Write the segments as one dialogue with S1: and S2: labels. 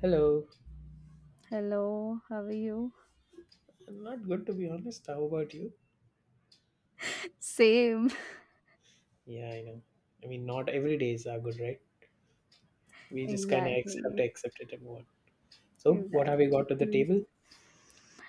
S1: Hello.
S2: Hello, how are you?
S1: I'm not good to be honest. How about you?
S2: Same.
S1: Yeah, I know. I mean, not every days are good, right? We just kind of have to
S2: Exactly.
S1: accept it and move on. So, what have we
S2: Exactly.
S1: got to the
S2: Hmm.
S1: table?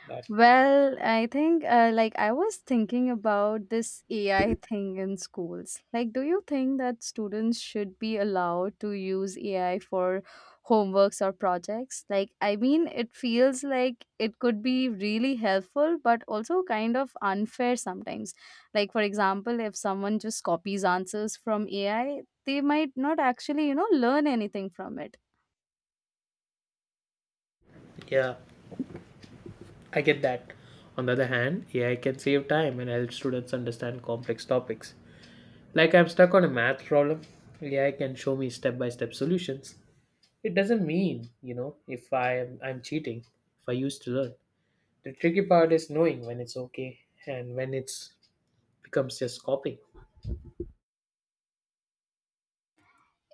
S1: That
S2: Well, I think like I was thinking about this AI thing in schools. Like, do you think that students should be allowed to use AI for homeworks or projects? Like, I mean, it feels like it could be really helpful, but also kind of unfair sometimes. Like, for example, if someone just copies answers from AI, they might not actually, learn anything from it.
S1: Yeah, I get that. On the other hand, AI can save time and help students understand complex topics. Like I'm stuck on a math problem, AI can show me step-by-step solutions. It doesn't mean, if I'm cheating, if I used to learn. The tricky part is knowing when it's okay and when it's becomes just copying.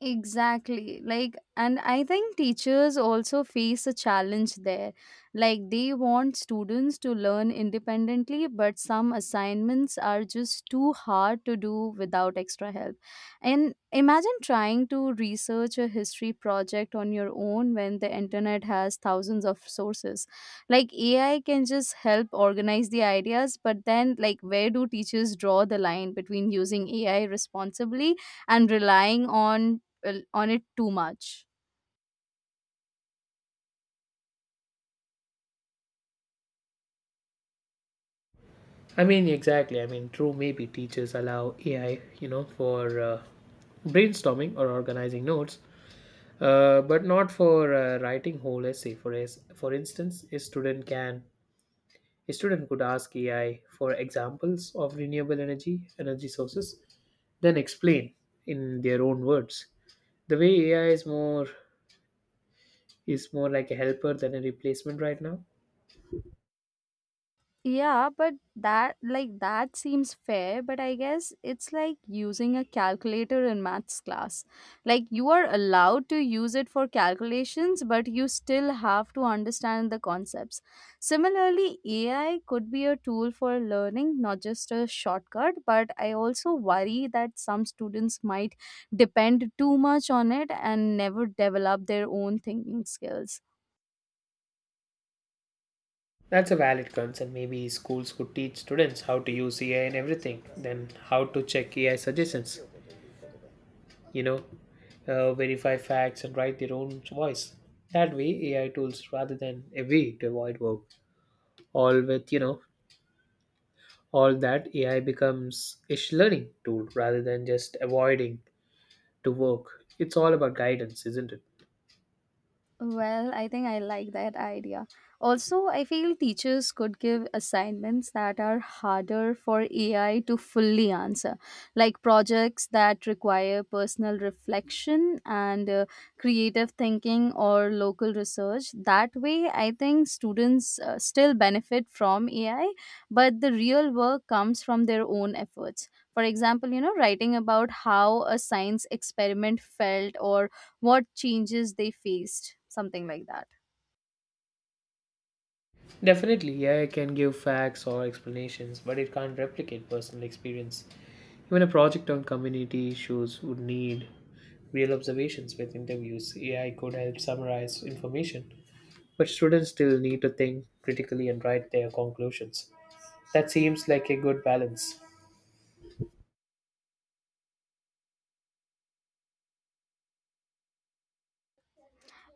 S2: Exactly. Like, and I think teachers also face a challenge there. Like, they want students to learn independently, but some assignments are just too hard to do without extra help. And imagine trying to research a history project on your own when the internet has thousands of sources. Like, AI can just help organize the ideas, but then, like, where do teachers draw the line between using AI responsibly and relying on on it too much?
S1: I mean, exactly. I mean, true, maybe teachers allow AI, for brainstorming or organizing notes, but not for writing whole essay. For for instance, a student could ask AI for examples of renewable energy sources, then explain in their own words. The way AI is more like a helper than a replacement right now.
S2: Yeah, but that, like that seems fair, but I guess it's like using a calculator in maths class. Like, you are allowed to use it for calculations, but you still have to understand the concepts. Similarly, AI could be a tool for learning, not just a shortcut, but I also worry that some students might depend too much on it and never develop their own thinking skills.
S1: That's a valid concern. Maybe schools could teach students how to use AI and everything, then how to check AI suggestions, you know, verify facts and write their own voice. That way, AI tools rather than a way to avoid work. All with, all that AI becomes a learning tool rather than just avoiding to work. It's all about guidance, isn't it?
S2: Well, I think I like that idea. Also, I feel teachers could give assignments that are harder for AI to fully answer, like projects that require personal reflection and creative thinking or local research. That way, I think students still benefit from AI, but the real work comes from their own efforts. For example, writing about how a science experiment felt or what changes they faced, something like that.
S1: Definitely, AI can give facts or explanations, but it can't replicate personal experience. Even a project on community issues would need real observations with interviews. AI could help summarize information, but students still need to think critically and write their conclusions. That seems like a good balance.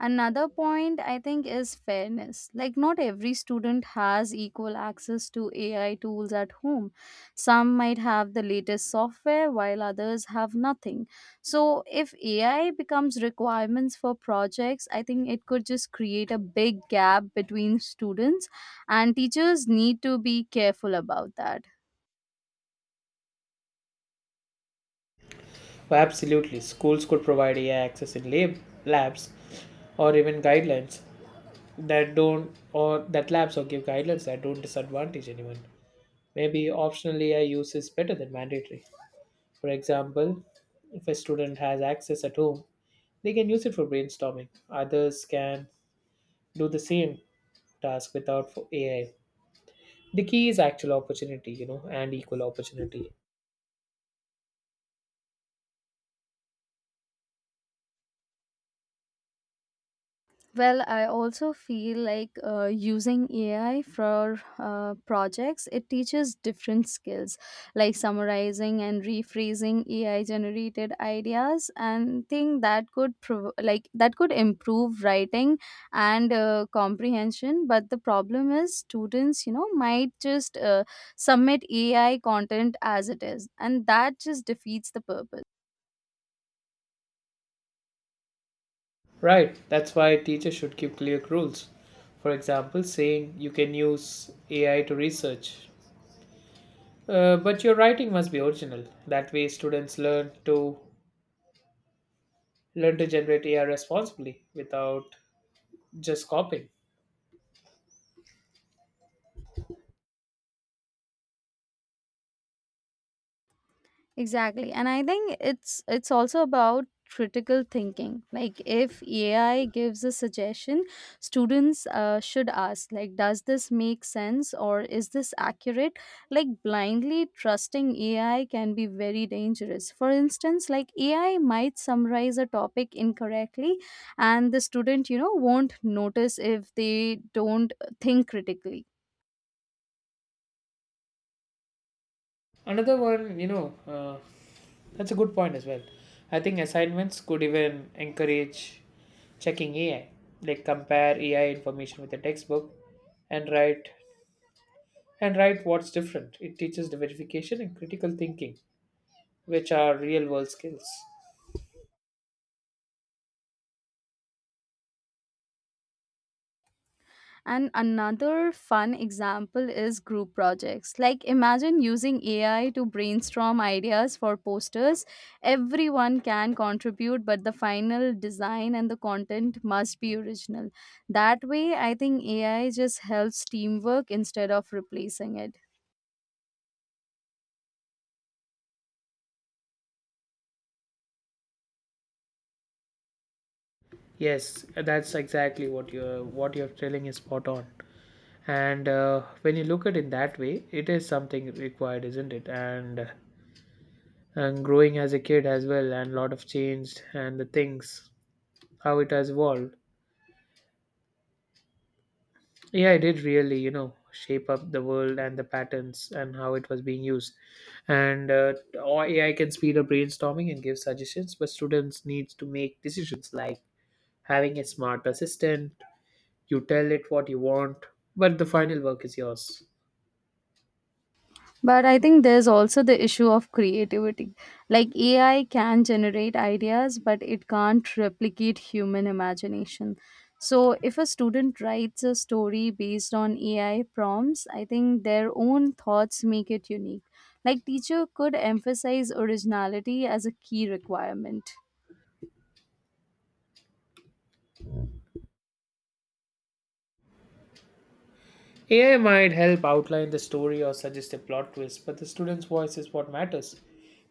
S2: Another point I think is fairness. Like, not every student has equal access to AI tools at home. Some might have the latest software while others have nothing. So if AI becomes requirements for projects, I think it could just create a big gap between students, and teachers need to be careful about that.
S1: Oh, absolutely, schools could provide AI access in labs or even guidelines that don't or that labs or give guidelines that don't disadvantage anyone. Maybe optional AI use is better than mandatory. For example, if a student has access at home, they can use it for brainstorming. Others can do the same task without for AI. The key is actual opportunity, and equal opportunity.
S2: Well, I also feel like using AI for projects, it teaches different skills like summarizing and rephrasing AI generated ideas and thing that could like that could improve writing and comprehension. But the problem is students, might just submit AI content as it is, and that just defeats the purpose.
S1: Right, that's why teachers should keep clear rules. For example, saying you can use AI to research, but your writing must be original. That way, students learn to generate AI responsibly without just copying.
S2: Exactly. And I think it's also about critical thinking. Like, if AI gives a suggestion, students should ask, like, does this make sense or is this accurate? Like, blindly trusting AI can be very dangerous. For instance, like, AI might summarize a topic incorrectly and the student, won't notice if they don't think critically.
S1: Another one, that's a good point as well. I think assignments could even encourage checking AI, like compare AI information with a textbook and write and write what's different. It teaches the verification and critical thinking, which are real world skills.
S2: And another fun example is group projects. Like, imagine using AI to brainstorm ideas for posters. Everyone can contribute, but the final design and the content must be original. That way, I think AI just helps teamwork instead of replacing it.
S1: Yes, that's exactly what you're telling is spot on. And when you look at it that way, it is something required, isn't it? And and growing as a kid as well, and a lot of changed and the things how it has evolved. Yeah, it did really shape up the world and the patterns and how it was being used. And or AI can speed up brainstorming and give suggestions, but students needs to make decisions, like having a smart assistant. You tell it what you want, but the final work is yours.
S2: But I think there's also the issue of creativity. Like, AI can generate ideas, but it can't replicate human imagination. So if a student writes a story based on AI prompts, I think their own thoughts make it unique. Like, teacher could emphasize originality as a key requirement.
S1: AI might help outline the story or suggest a plot twist, but the student's voice is what matters.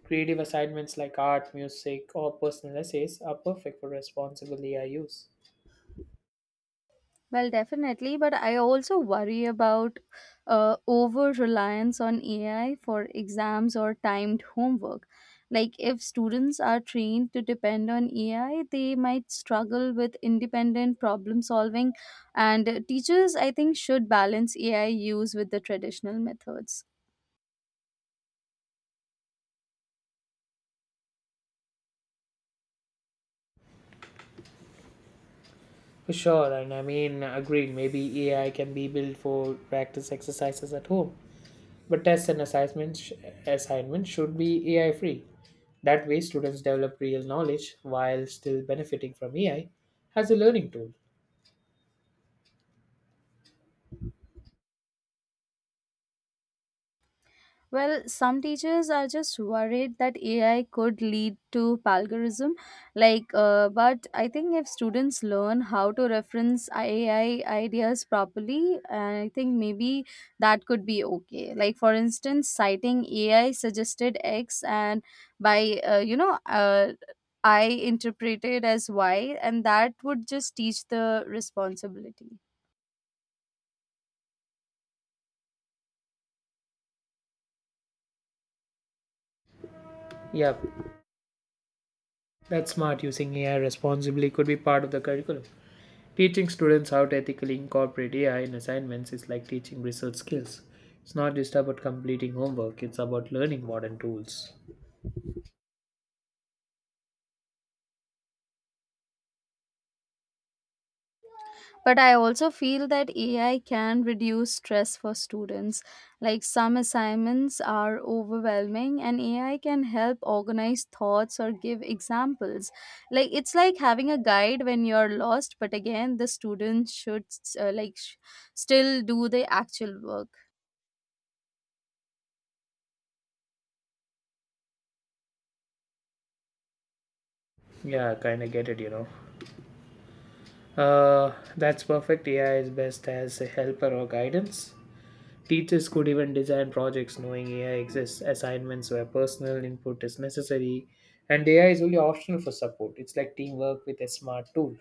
S1: Creative assignments like art, music, or personal essays are perfect for responsible AI use.
S2: Well, definitely, but I also worry about over reliance on AI for exams or timed homework. Like, if students are trained to depend on AI, they might struggle with independent problem solving, and teachers, I think, should balance AI use with the traditional methods.
S1: For sure, and I mean, agreed, maybe AI can be built for practice exercises at home, but tests and assignments, assignments should be AI free. That way, students develop real knowledge while still benefiting from AI as a learning tool.
S2: Well, some teachers are just worried that AI could lead to plagiarism. Like, but I think if students learn how to reference AI ideas properly, I think maybe that could be okay. Like, for instance, citing AI suggested X and by, I interpreted as Y, and that would just teach the responsibility.
S1: Yep, that's smart. Using AI responsibly could be part of the curriculum. Teaching students how to ethically incorporate AI in assignments is like teaching research skills. It's not just about completing homework, it's about learning modern tools.
S2: But I also feel that AI can reduce stress for students. Like, some assignments are overwhelming, and AI can help organize thoughts or give examples. Like, it's like having a guide when you're lost, but again, the students should uh, like sh- still do the actual work.
S1: Yeah, I kinda get it, you know. That's perfect. AI is best as a helper or guidance. Teachers could even design projects knowing AI exists, assignments where personal input is necessary, and AI is only optional for support. It's like teamwork with a smart tool.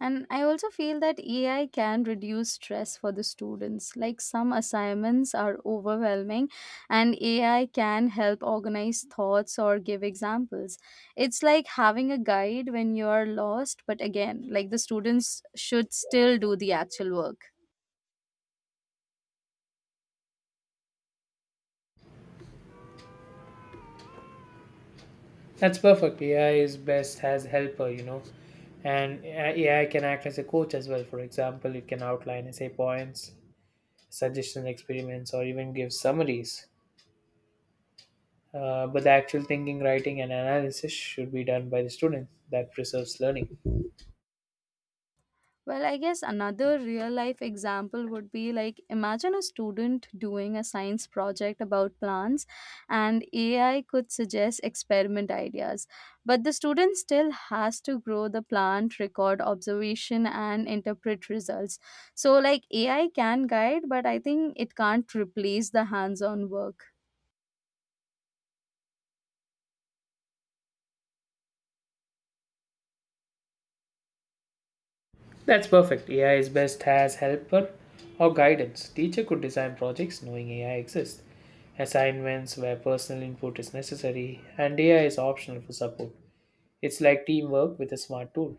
S2: And I also feel that AI can reduce stress for the students. Like, some assignments are overwhelming, and AI can help organize thoughts or give examples. It's like having a guide when you're lost, but again, like, the students should still do the actual work.
S1: That's perfect. AI is best as helper, and AI can act as a coach as well. For example, it can outline essay points, suggestion experiments, or even give summaries. But the actual thinking, writing, and analysis should be done by the student. That preserves learning.
S2: Well, I guess another real life example would be like, imagine a student doing a science project about plants and AI could suggest experiment ideas. But the student still has to grow the plant, record observation, and interpret results. So, like, AI can guide, but I think it can't replace the hands on work.
S1: That's perfect. AI is best as helper or guidance. Teacher could design projects knowing AI exists, assignments where personal input is necessary, and AI is optional for support. It's like teamwork with a smart tool.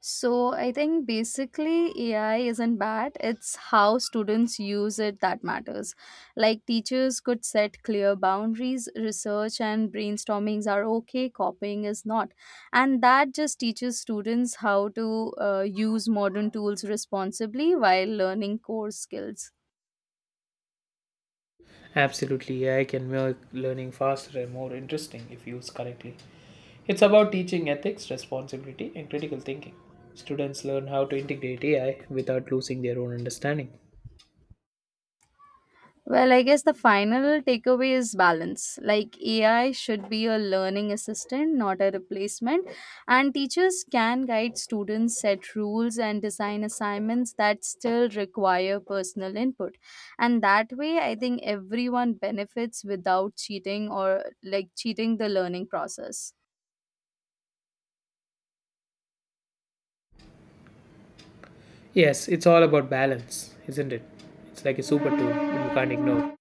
S2: So I think basically AI isn't bad. It's how students use it that matters. Like, teachers could set clear boundaries, research and brainstormings are okay, copying is not. And that just teaches students how to use modern tools responsibly while learning core skills.
S1: Absolutely, AI can make learning faster and more interesting if used correctly. It's about teaching ethics, responsibility, and critical thinking. Students learn how to integrate AI without losing their own understanding.
S2: Well, I guess the final takeaway is balance. Like, AI should be a learning assistant, not a replacement. And teachers can guide students, set rules, and design assignments that still require personal input. And that way, I think everyone benefits without cheating or, like, cheating the learning process.
S1: Yes, it's all about balance, isn't it? It's like a super tool you can't ignore.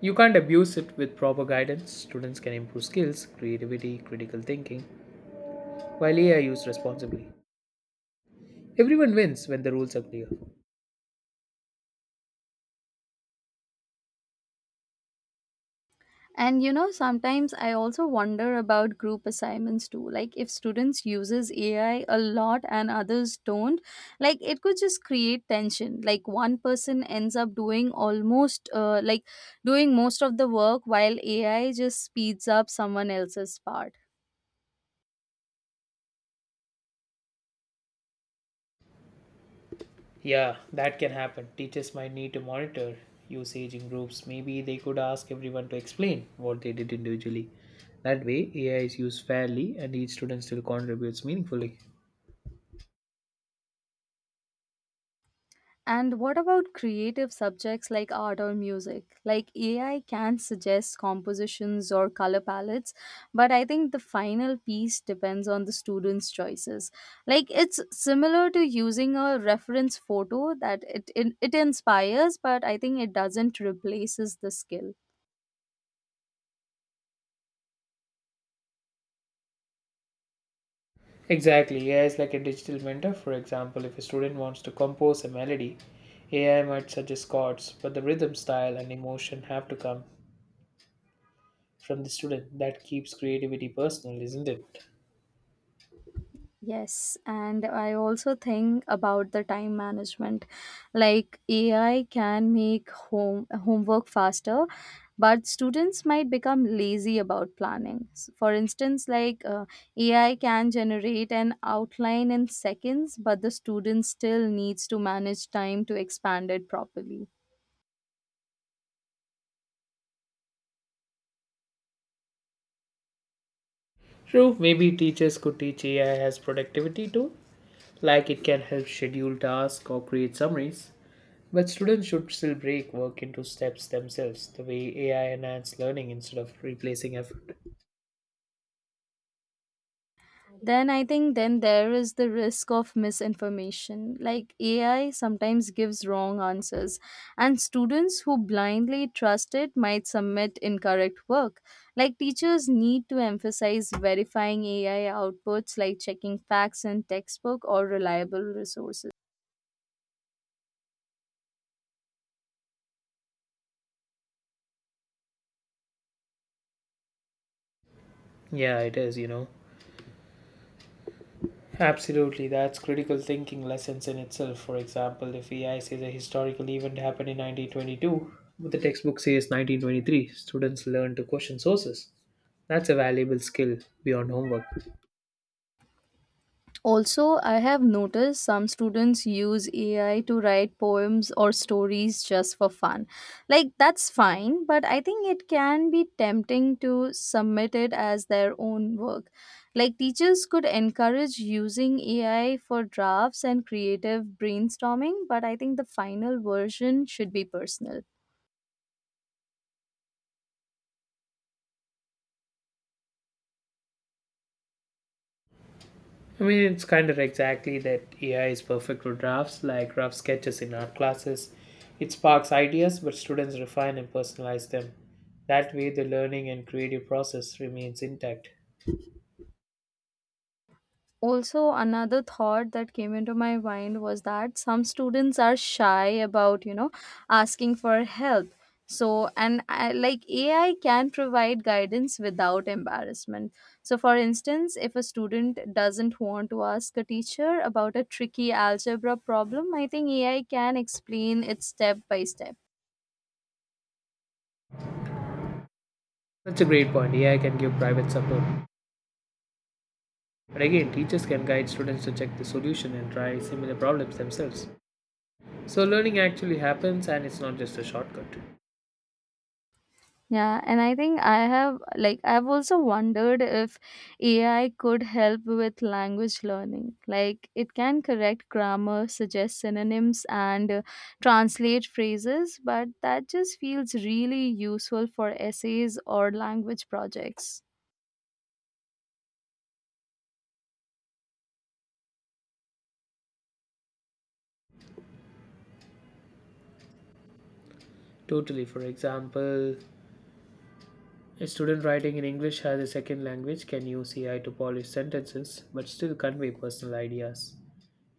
S1: You can't abuse it with proper guidance. Students can improve skills, creativity, critical thinking, while AI used responsibly. Everyone wins when the rules are clear.
S2: And sometimes I also wonder about group assignments too. Like, if students uses AI a lot and others don't, like, it could just create tension. Like, one person ends up doing almost doing most of the work while AI just speeds up someone else's part.
S1: Yeah, that can happen. Teachers might need to monitor usage in groups. Maybe they could ask everyone to explain what they did individually. That way, AI is used fairly and each student still contributes meaningfully.
S2: And what about creative subjects like art or music? Like, AI can suggest compositions or color palettes, but I think the final piece depends on the student's choices. Like, it's similar to using a reference photo that it inspires, but I think it doesn't replaces the skill.
S1: Exactly, AI is like a digital mentor. For example, if a student wants to compose a melody, AI might suggest chords, but the rhythm, style, and emotion have to come from the student. That keeps creativity personal, isn't it?
S2: Yes, and I also think about the time management. Like, AI can make homework faster, but students might become lazy about planning. For instance, like AI can generate an outline in seconds, but the student still needs to manage time to expand it properly.
S1: True, maybe teachers could teach AI as productivity too, like it can help schedule tasks or create summaries. But students should still break work into steps themselves, the way AI enhances learning instead of replacing effort.
S2: Then I think then there is the risk of misinformation. Like, AI sometimes gives wrong answers and students who blindly trust it might submit incorrect work. Like, teachers need to emphasize verifying AI outputs, like checking facts in textbook or reliable resources.
S1: Yeah, it is. Absolutely, that's critical thinking lessons in itself. For example, if AI says a historical event happened in 1922, but the textbook says 1923, students learn to question sources. That's a valuable skill beyond homework.
S2: Also, I have noticed some students use AI to write poems or stories just for fun. Like, that's fine, but I think it can be tempting to submit it as their own work. Like, teachers could encourage using AI for drafts and creative brainstorming, but I think the final version should be personal.
S1: I mean, it's kind of exactly that AI is perfect for drafts, like rough sketches in art classes. It sparks ideas, but students refine and personalize them. That way, the learning and creative process remains intact.
S2: Also, another thought that came into my mind was that some students are shy about, asking for help. So, and I, like, AI can provide guidance without embarrassment. So for instance, if a student doesn't want to ask a teacher about a tricky algebra problem, I think AI can explain it step by step.
S1: That's a great point. AI can give private support. But again, teachers can guide students to check the solution and try similar problems themselves. So, learning actually happens and it's not just a shortcut.
S2: Yeah, and I think I have like I've also wondered if AI could help with language learning. Like, it can correct grammar, suggest synonyms and translate phrases, but that just feels really useful for essays or language projects.
S1: Totally. For example, a student writing in English as a second language can use AI to polish sentences but still convey personal ideas.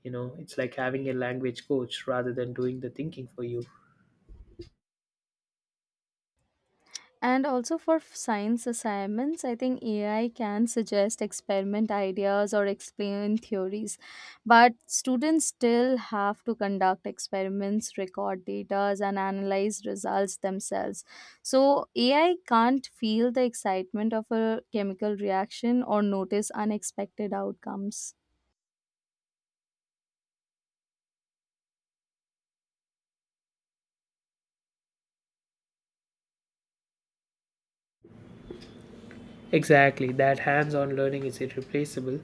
S1: It's like having a language coach rather than doing the thinking for you.
S2: And also for science assignments, I think AI can suggest experiment ideas or explain theories, but students still have to conduct experiments, record data, and analyze results themselves. So AI can't feel the excitement of a chemical reaction or notice unexpected outcomes.
S1: Exactly, that hands on learning is irreplaceable.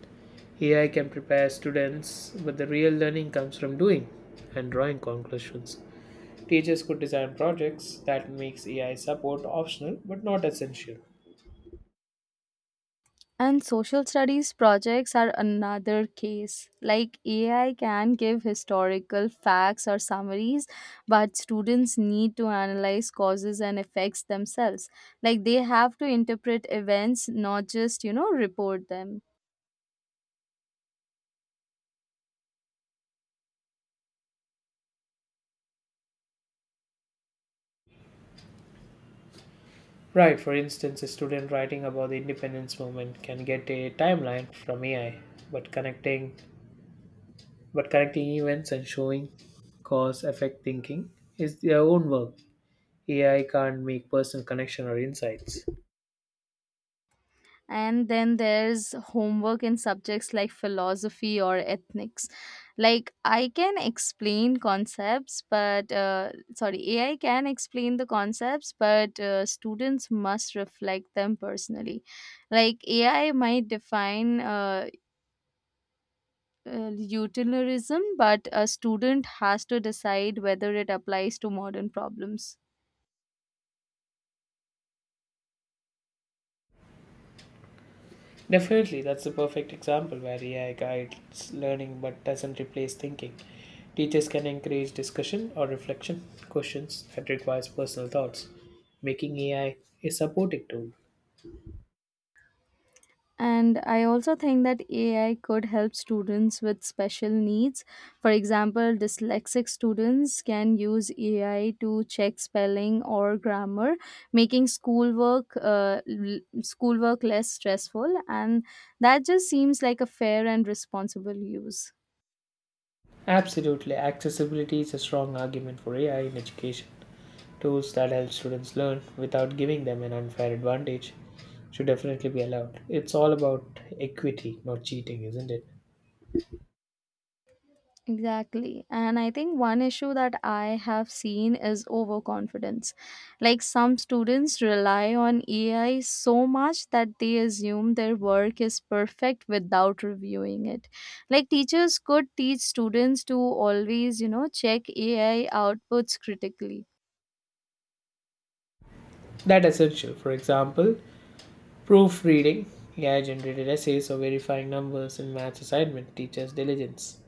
S1: AI can prepare students, but the real learning comes from doing and drawing conclusions. Teachers could design projects that makes AI support optional but not essential.
S2: And social studies projects are another case. Like, AI can give historical facts or summaries, but students need to analyze causes and effects themselves. Like, they have to interpret events, not just, report them.
S1: Right, for instance, a student writing about the independence movement can get a timeline from AI, but connecting but connecting events and showing cause effect thinking is their own work. AI can't make personal connection or insights.
S2: And then there's homework in subjects like philosophy or ethnics. Like, I can explain concepts but sorry AI can explain the concepts, but students must reflect them personally. Like, AI might define utilitarianism, but a student has to decide whether it applies to modern problems.
S1: Definitely, that's a perfect example where AI guides learning but doesn't replace thinking. Teachers can encourage discussion or reflection questions that requires personal thoughts, making AI a supportive tool.
S2: And I also think that AI could help students with special needs. For example, dyslexic students can use AI to check spelling or grammar, making schoolwork schoolwork less stressful. And that just seems like a fair and responsible use.
S1: Absolutely, accessibility is a strong argument for AI in education. Tools that help students learn without giving them an unfair advantage should definitely be allowed. It's all about equity, not cheating, isn't it?
S2: Exactly. And I think one issue that I have seen is overconfidence. Like, some students rely on AI so much that they assume their work is perfect without reviewing it. Like, teachers could teach students to always, check AI outputs critically.
S1: That essential. For example, proofreading, AI generated essays or verifying numbers in maths assignment teaches diligence.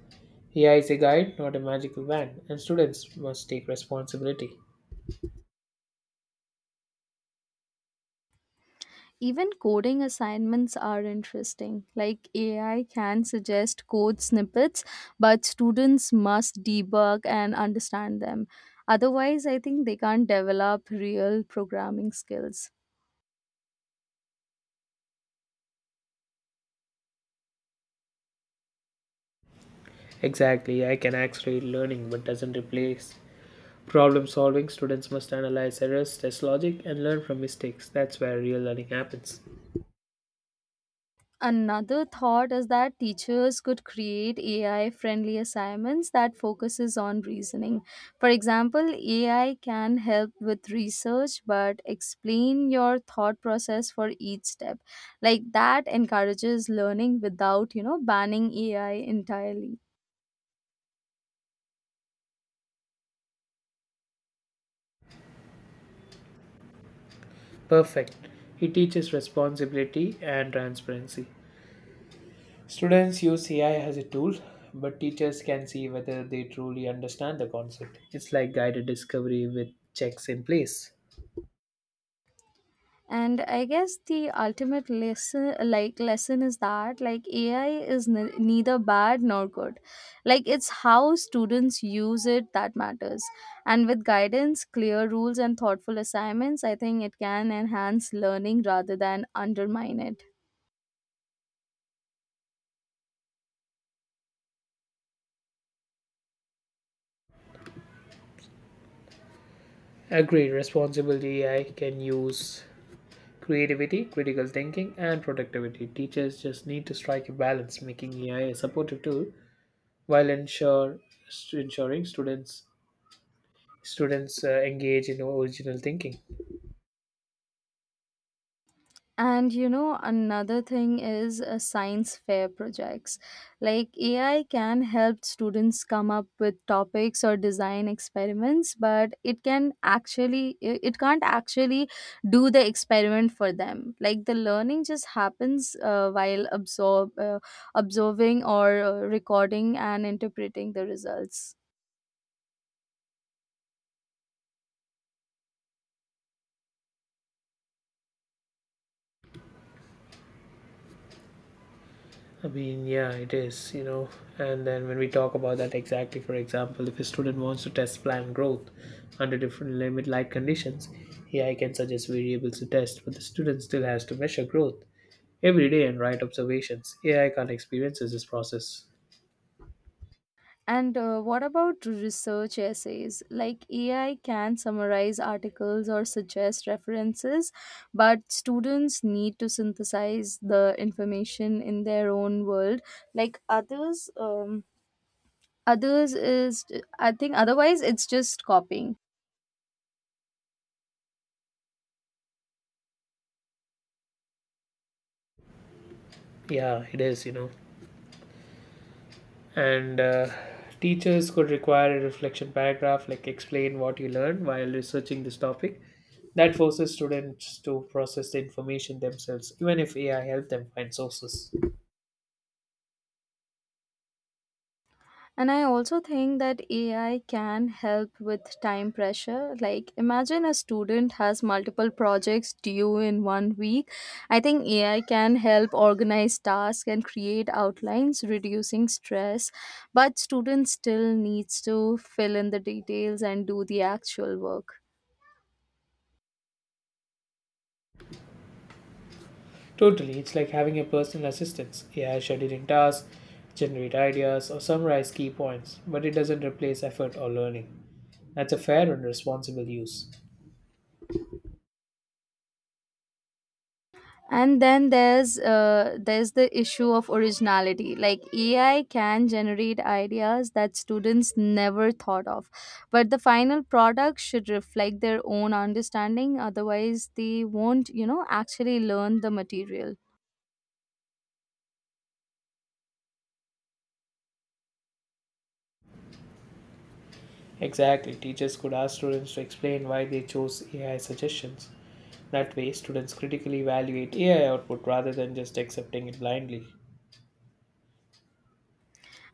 S1: AI is a guide, not a magical wand, and students must take responsibility.
S2: Even coding assignments are interesting. Like, AI can suggest code snippets, but students must debug and understand them. Otherwise, I think they can't develop real programming skills.
S1: Exactly, AI can accelerate learning but doesn't replace problem solving. Students must analyze errors, test logic, and learn from mistakes. That's where real learning happens.
S2: Another thought is that teachers could create AI friendly assignments that focuses on reasoning. For example, AI can help with research but explain your thought process for each step. Like, that encourages learning without, banning AI entirely.
S1: Perfect. It teaches responsibility and transparency. Students use AI as a tool, but teachers can see whether they truly understand the concept. It's like guided discovery with checks in place.
S2: And I guess the ultimate lesson is that, like, AI is neither bad nor good. Like, it's how students use it that matters. And with guidance, clear rules, and thoughtful assignments, I think it can enhance learning rather than undermine it.
S1: Agree, responsible AI can use creativity, critical thinking, and productivity. Teachers just need to strike a balance, making AI a supportive tool while ensuring students engage in original thinking.
S2: And another thing is science fair projects. Like, AI can help students come up with topics or design experiments, but it can actually it can't actually do the experiment for them. Like, the learning just happens while absorb observing or recording and interpreting the results.
S1: I mean, yeah, it is. And then when we talk about that, exactly, for example, if a student wants to test plant growth under different limit like conditions, AI can suggest variables to test, but the student still has to measure growth every day and write observations. AI can't experience this process.
S2: And what about research essays? Like, AI can summarize articles or suggest references, but students need to synthesize the information in their own world. Like, others, others is I think otherwise it's just copying.
S1: Yeah, it is. And teachers could require a reflection paragraph, like explain what you learned while researching this topic. That forces students to process the information themselves even if AI helped them find sources.
S2: And I also think that AI can help with time pressure. Like, imagine a student has multiple projects due in one week. I think AI can help organize tasks and create outlines, reducing stress. But students still needs to fill in the details and do the actual work.
S1: Totally, it's like having a personal assistant. AI scheduling tasks, generate ideas or summarize key points, but it doesn't replace effort or learning. That's a fair and responsible use.
S2: And then there's the issue of originality. Like, AI can generate ideas that students never thought of, but the final product should reflect their own understanding. Otherwise they won't, actually learn the material.
S1: Exactly, teachers could ask students to explain why they chose AI suggestions. That way, students critically evaluate AI output rather than just accepting it blindly.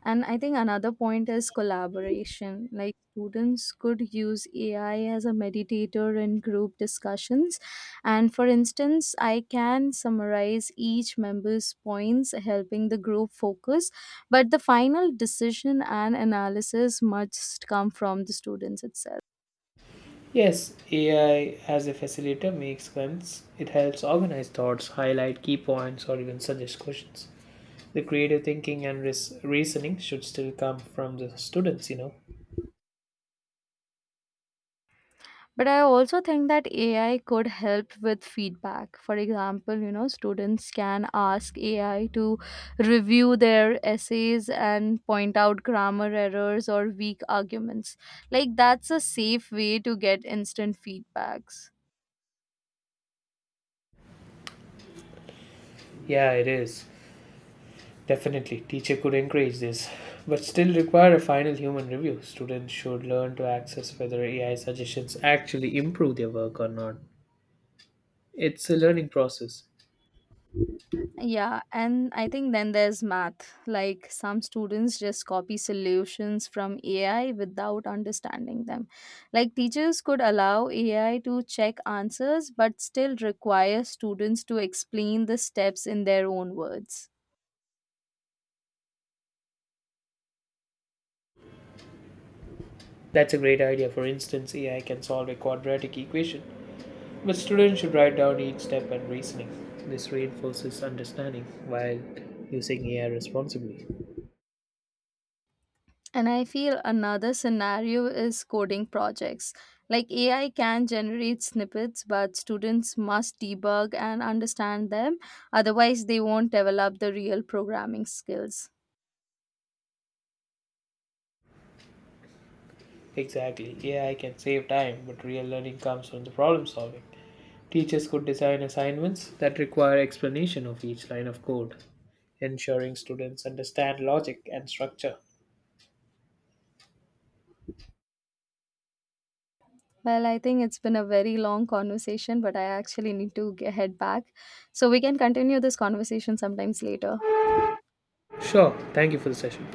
S2: And I think another point is collaboration. Like, students could use AI as a meditator in group discussions. And for instance, I can summarize each member's points, helping the group focus. But the final decision and analysis must come from the students itself.
S1: Yes, AI as a facilitator makes sense. It helps organize thoughts, highlight key points, or even suggest questions. The creative thinking and reasoning should still come from the students.
S2: But I also think that AI could help with feedback. For example, students can ask AI to review their essays and point out grammar errors or weak arguments. Like, that's a safe way to get instant feedbacks.
S1: Yeah, it is. Definitely, teacher could encourage this, but still require a final human review. Students should learn to access whether AI suggestions actually improve their work or not. It's a learning process.
S2: Yeah, and I think then there's math. Like, some students just copy solutions from AI without understanding them. Like, teachers could allow AI to check answers, but still require students to explain the steps in their own words.
S1: That's a great idea. For instance, AI can solve a quadratic equation, but students should write down each step and reasoning. This reinforces understanding while using AI responsibly.
S2: And I feel another scenario is coding projects. Like, AI can generate snippets, but students must debug and understand them. Otherwise, they won't develop the real programming skills.
S1: Exactly. AI can save time, but real learning comes from the problem solving. Teachers could design assignments that require explanation of each line of code, ensuring students understand logic and structure.
S2: Well, I think it's been a very long conversation, but I actually need to head back. So we can continue this conversation sometimes later.
S1: Sure. Thank you for the session.